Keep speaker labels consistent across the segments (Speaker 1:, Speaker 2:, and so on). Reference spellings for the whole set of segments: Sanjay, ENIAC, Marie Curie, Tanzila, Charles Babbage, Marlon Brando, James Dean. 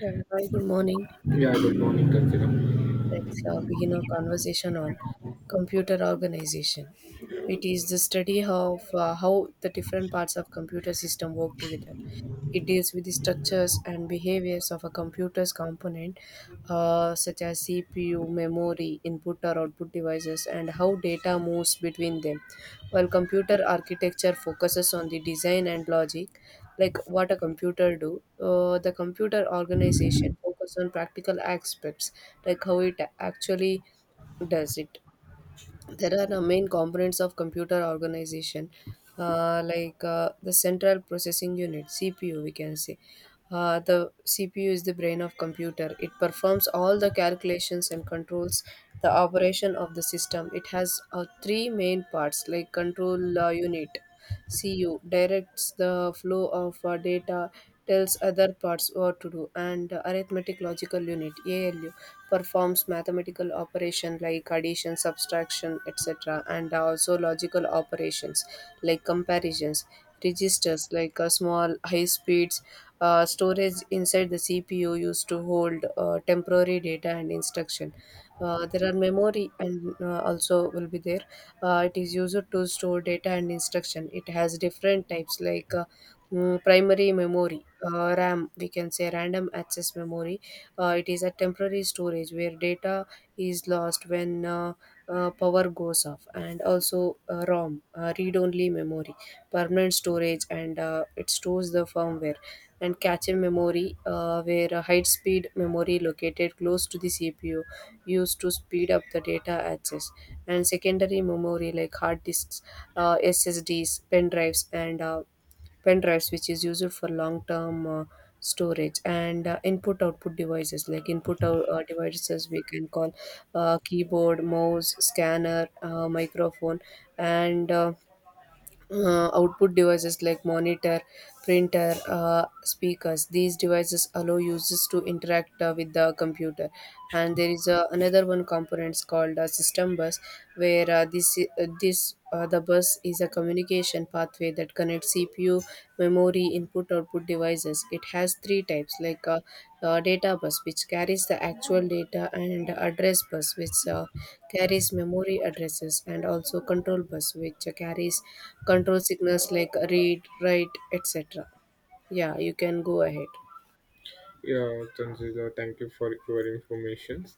Speaker 1: Yeah, hi, good morning.
Speaker 2: Yeah, good morning, Tanzila.
Speaker 1: Let's begin our conversation on computer organization. It is the study of how the different parts of computer system work together. It deals with the structures and behaviors of a computer's component, such as CPU, memory, input or output devices, and how data moves between them. While computer architecture focuses on the design and logic, like what a computer do, the computer organization focuses on practical aspects, like how it actually does it. There are main components of computer organization, like the central processing unit, cpu we can say. The cpu is the brain of computer. It performs all the calculations and controls the operation of the system. It has three main parts, like control unit, cu directs the flow of data, tells other parts what to do, and arithmetic logical unit, alu performs mathematical operation like addition, subtraction, etc., and also logical operations like comparisons, registers like a small high speeds. Storage inside the CPU used to hold temporary data and instruction. There are memory and also will be there. It is used to store data and instruction. It has different types, like primary memory, RAM, we can say random access memory. It is a temporary storage where data is lost when power goes off, and also ROM, read only memory, permanent storage, and it stores the firmware. And cache memory, where a high speed memory located close to the CPU used to speed up the data access. And secondary memory like hard disks, SSDs, pen drives, and pen drives which is used for long term storage, and input output devices, like devices we can call keyboard, mouse, scanner, microphone, and output devices like monitor, printer, speakers. These devices allow users to interact with the computer. And there is another one component called system bus, where this this the bus is a communication pathway that connects CPU, memory, input/output devices. It has three types, like a, data bus, which carries the actual data, and address bus, which carries memory addresses, and also control bus, which carries control signals like read, write, etc. Yeah, you can go ahead.
Speaker 2: Yeah, Tanzila, thank you for your informations.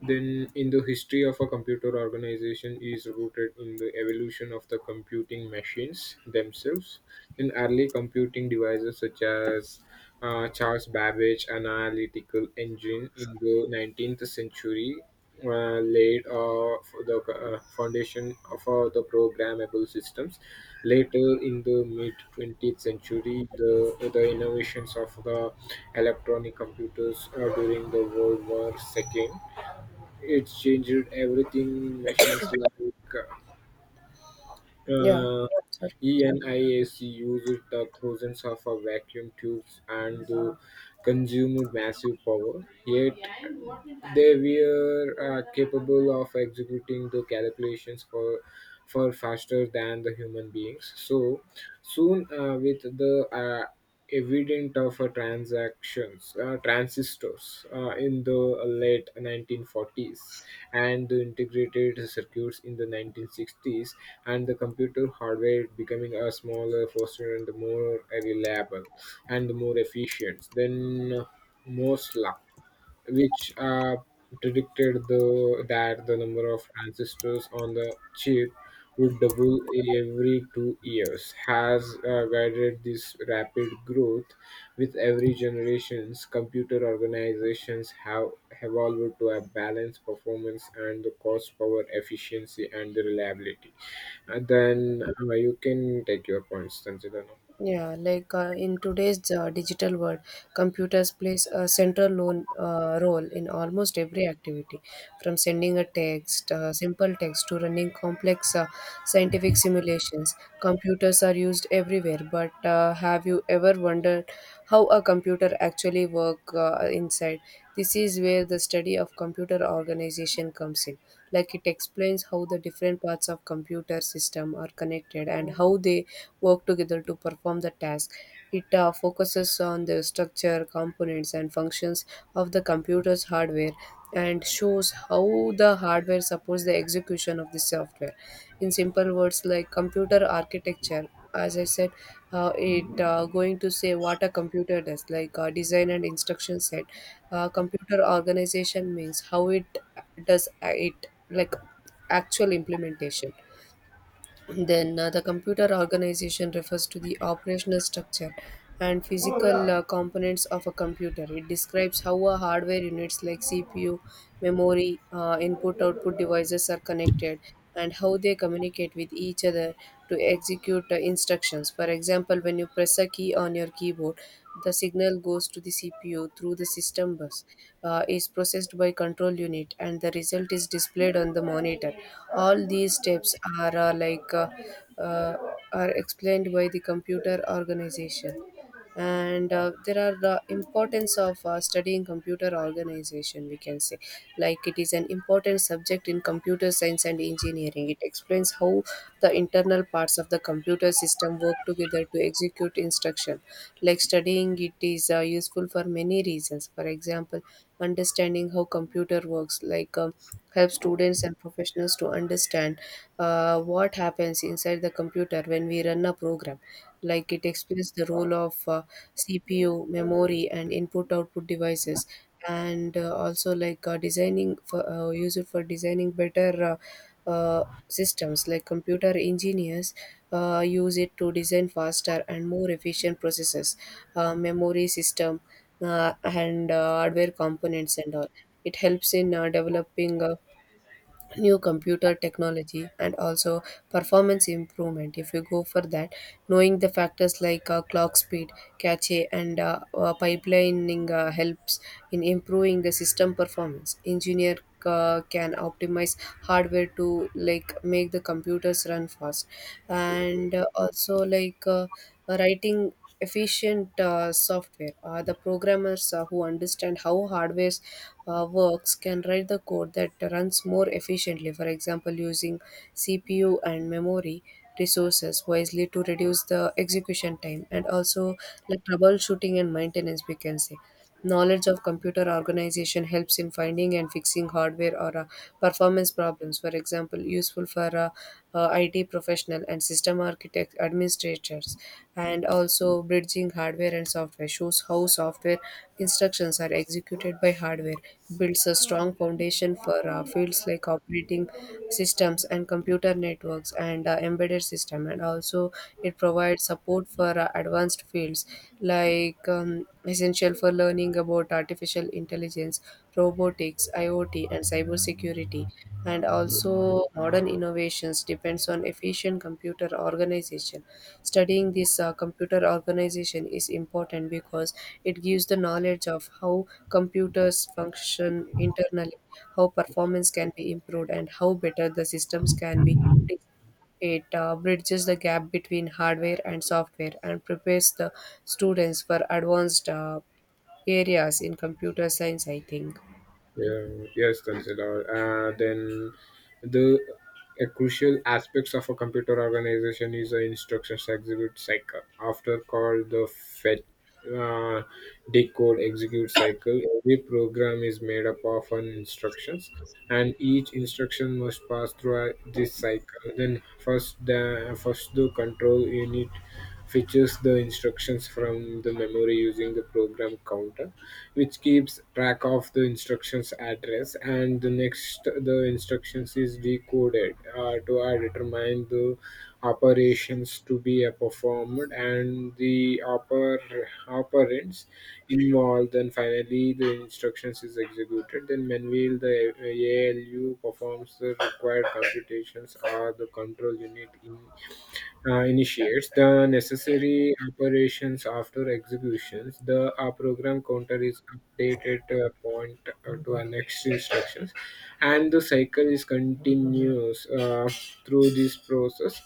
Speaker 2: Then, in the history of a computer organization is rooted in the evolution of the computing machines themselves. In early computing devices such as Charles Babbage analytical engine in the 19th century laid for the foundation for the programmable systems. Later in the mid 20th century, the innovations of the electronic computers during the World War II, it changed everything. Machines like
Speaker 1: Yeah,
Speaker 2: uh,
Speaker 1: sorry.
Speaker 2: ENIAC uses the thousands of vacuum tubes and consumed massive power, yet they were capable of executing the calculations for far faster than the human beings. So soon, with the evident of transactions, transistors in the late 1940s and the integrated circuits in the 1960s and the computer hardware becoming a smaller, faster and more reliable and more efficient. Then most more luck which predicted that the number of transistors on the chip would double every 2 years, has guided this rapid growth. With every generations, computer organizations have evolved to a balance performance and the cost, power, efficiency, and the reliability. And then you can take your points, Sanjay.
Speaker 1: Yeah, like in today's digital world, computers plays a central role in almost every activity, from sending a text, simple text, to running complex scientific simulations. Computers are used everywhere, but have you ever wondered how a computer actually work inside? This is where the study of computer organization comes in. Like, it explains how the different parts of computer system are connected and how they work together to perform the task. It focuses on the structure, components, and functions of the computer's hardware, and shows how the hardware supports the execution of the software. In simple words, like computer architecture, as I said, it going to say what a computer does, like design and instruction set. Computer organization means how it does it, like actual implementation. Then the computer organization refers to the operational structure and physical components of a computer. It describes how a hardware units like CPU, memory, input output devices are connected and how they communicate with each other to execute instructions. For example, when you press a key on your keyboard, the signal goes to the CPU through the system bus, is processed by control unit, and the result is displayed on the monitor. All these steps are uh, are explained by the computer organization. And there are the importance of studying computer organization, we can say. Like, it is an important subject in computer science and engineering. It explains how the internal parts of the computer system work together to execute instruction. Like, studying it is useful for many reasons. For example, understanding how computer works, like help students and professionals to understand what happens inside the computer when we run a program. Like, it explains the role of cpu, memory, and input output devices. And also, like designing for use it for designing better systems. Like, computer engineers use it to design faster and more efficient processes, memory system, and hardware components and all. It helps in developing new computer technology, and also performance improvement. If you go for that, knowing the factors like clock speed, cache, and pipelining helps in improving the system performance. Engineer can optimize hardware to like make the computers run fast, and also, like writing efficient software. The programmers who understand how hardware works can write the code that runs more efficiently, for example, using CPU and memory resources wisely to reduce the execution time. And also, like troubleshooting and maintenance, we can say. Knowledge of computer organization helps in finding and fixing hardware or performance problems, for example, useful for IT professional and system architect administrators. And also, bridging hardware and software shows how software instructions are executed by hardware, builds a strong foundation for fields like operating systems and computer networks and embedded system. And also, it provides support for for advanced fields, like essential for learning about artificial intelligence, robotics, IoT, and cybersecurity. And also, modern innovations depends on efficient computer organization. Studying this computer organization is important because it gives the knowledge of how computers function internally, how performance can be improved, and how better the systems can be designed. It bridges the gap between hardware and software, and prepares the students for advanced areas in computer science, I think.
Speaker 2: Yeah, yes, consider. Then the a crucial aspects of a computer organization is the instructions execute cycle, after called the fetch uh, decode execute cycle. Every program is made up of an instructions, and each instruction must pass through this cycle. Then first the control unit fetches the instructions from the memory using the program counter which keeps track of the instruction's address, and the next the instructions is decoded to determine the operations to be performed and the operands involved. Then finally, the instructions is executed. Then manual the ALU performs the required computations or the control unit in initiates the necessary operations after executions. The program counter is updated to a point to our next instructions, and the cycle is continuous through this process.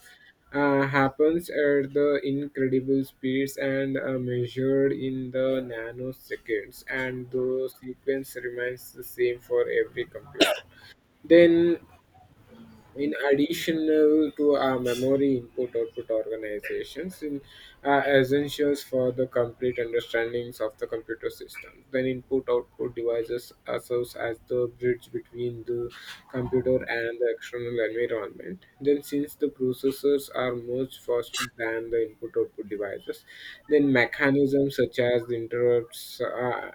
Speaker 2: Happens at the incredible speeds and measured in the nanoseconds, and the sequence remains the same for every computer. Then in addition to our memory input output organizations in, are essentials for the complete understandings of the computer system, then input output devices are serves as the bridge between the computer and the external environment, then since the processors are much faster than the input output devices, then mechanisms such as the interrupts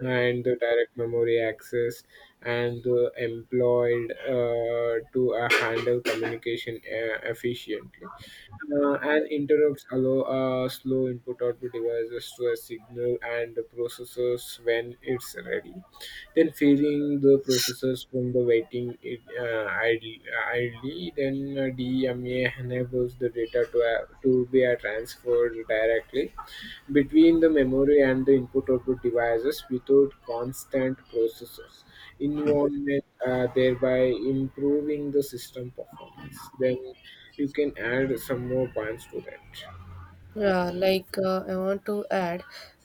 Speaker 2: and the direct memory access and employed to handle communication efficiently. And interrupts allow a slow input output devices to a signal and the processors when it's ready. Then freeing the processors from the waiting it, idly, then DMA enables the data to be transferred directly between the memory and the input-output devices without constant processors involvement, thereby improving the system performance. Then you can add some more points to that.
Speaker 1: Yeah, like I want to add,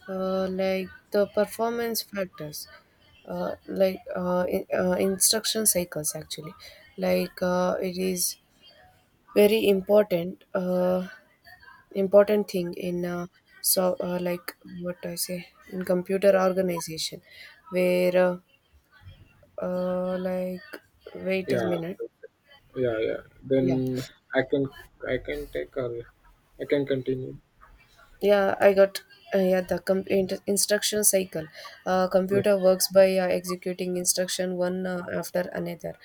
Speaker 1: like the performance factors, instruction cycles, actually, like it is very important, important thing in so like what I say in computer organization, where Uh, like, wait a
Speaker 2: Yeah,
Speaker 1: minute.
Speaker 2: yeah.
Speaker 1: Yeah.
Speaker 2: Then I can I can take or I can continue.
Speaker 1: Yeah, I got instruction cycle. Computer works by executing instruction one after another.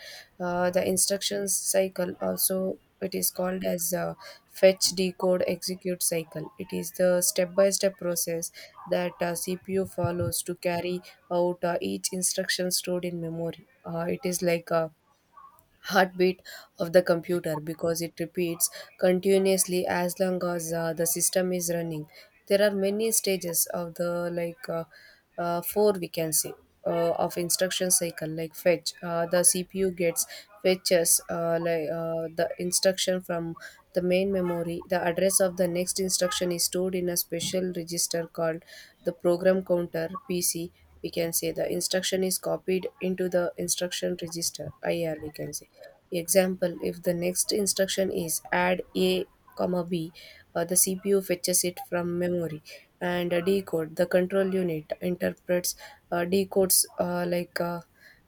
Speaker 1: The instruction cycle, also it is called as fetch decode execute cycle. It is the step by step process that CPU follows to carry out each instruction stored in memory. It is like a heartbeat of the computer, because it repeats continuously as long as the system is running. There are many stages of the, like four we can say, of instruction cycle. Like fetch, the cpu gets fetches the instruction from the main memory. The address of the next instruction is stored in a special register called the program counter, pc we can say. The instruction is copied into the instruction register, ir we can say. Example, if the next instruction is add A, comma B, the CPU fetches it from memory, and decode. The control unit interprets, decodes,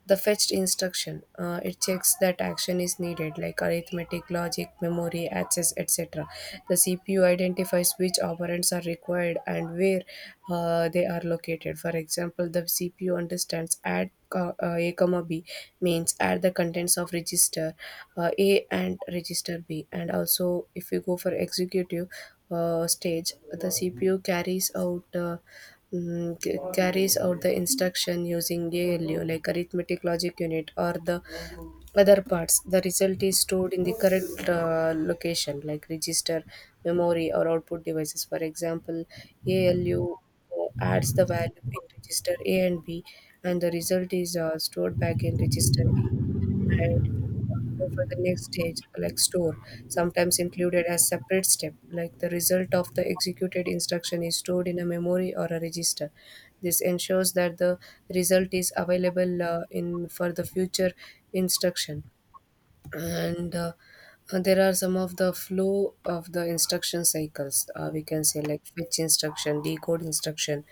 Speaker 1: the fetched instruction. It checks that action is needed, like arithmetic, logic, memory, access, etc. The CPU identifies which operands are required and where they are located. For example, the CPU understands add a comma b means add the contents of register a and register b. And also, if you go for executive stage, the cpu carries out carries out the instruction using ALU, like arithmetic logic unit, or the other parts. The result is stored in the correct location, like register, memory, or output devices. For example, ALU adds the value in register A and B, and the result is stored back in register A. And go for the next stage, like store, sometimes included as separate step, like the result of the executed instruction is stored in a memory or a register. This ensures that the result is available in for the future instruction. And there are some of the flow of the instruction cycles, we can say, like fetch instruction, decode instruction,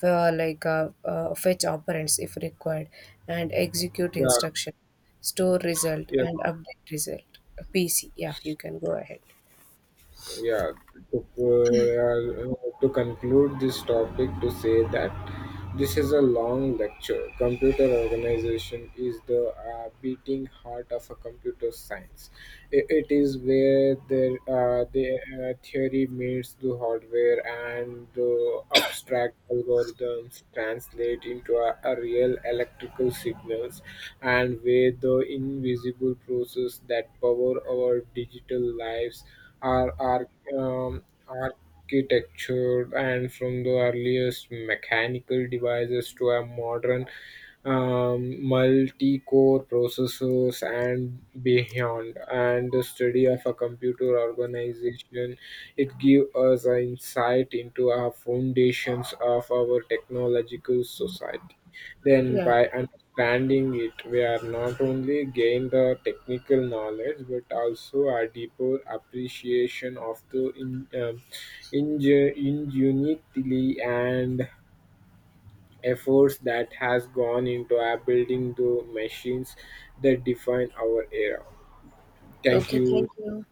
Speaker 1: for like fetch operands if required, and execute
Speaker 2: Yeah,
Speaker 1: instruction, store result,
Speaker 2: yeah.
Speaker 1: and update result pc. Yeah, you can go ahead.
Speaker 2: yeah to, to conclude this topic, to say that this is a long lecture. Computer organization is the beating heart of a computer science. It is where theory meets the hardware and the abstract algorithms translate into a real electrical signals, and where the invisible process that power our digital lives are architecture, and from the earliest mechanical devices to a modern multi-core processors and beyond, and the study of a computer organization, it gives us an insight into our foundations of our technological society. Then,
Speaker 1: Yeah,
Speaker 2: by understanding it, we are not only gain the technical knowledge but also a deeper appreciation of the ingenuity and efforts that has gone into building the machines that define our era. Thank
Speaker 1: okay,
Speaker 2: you.
Speaker 1: thank you.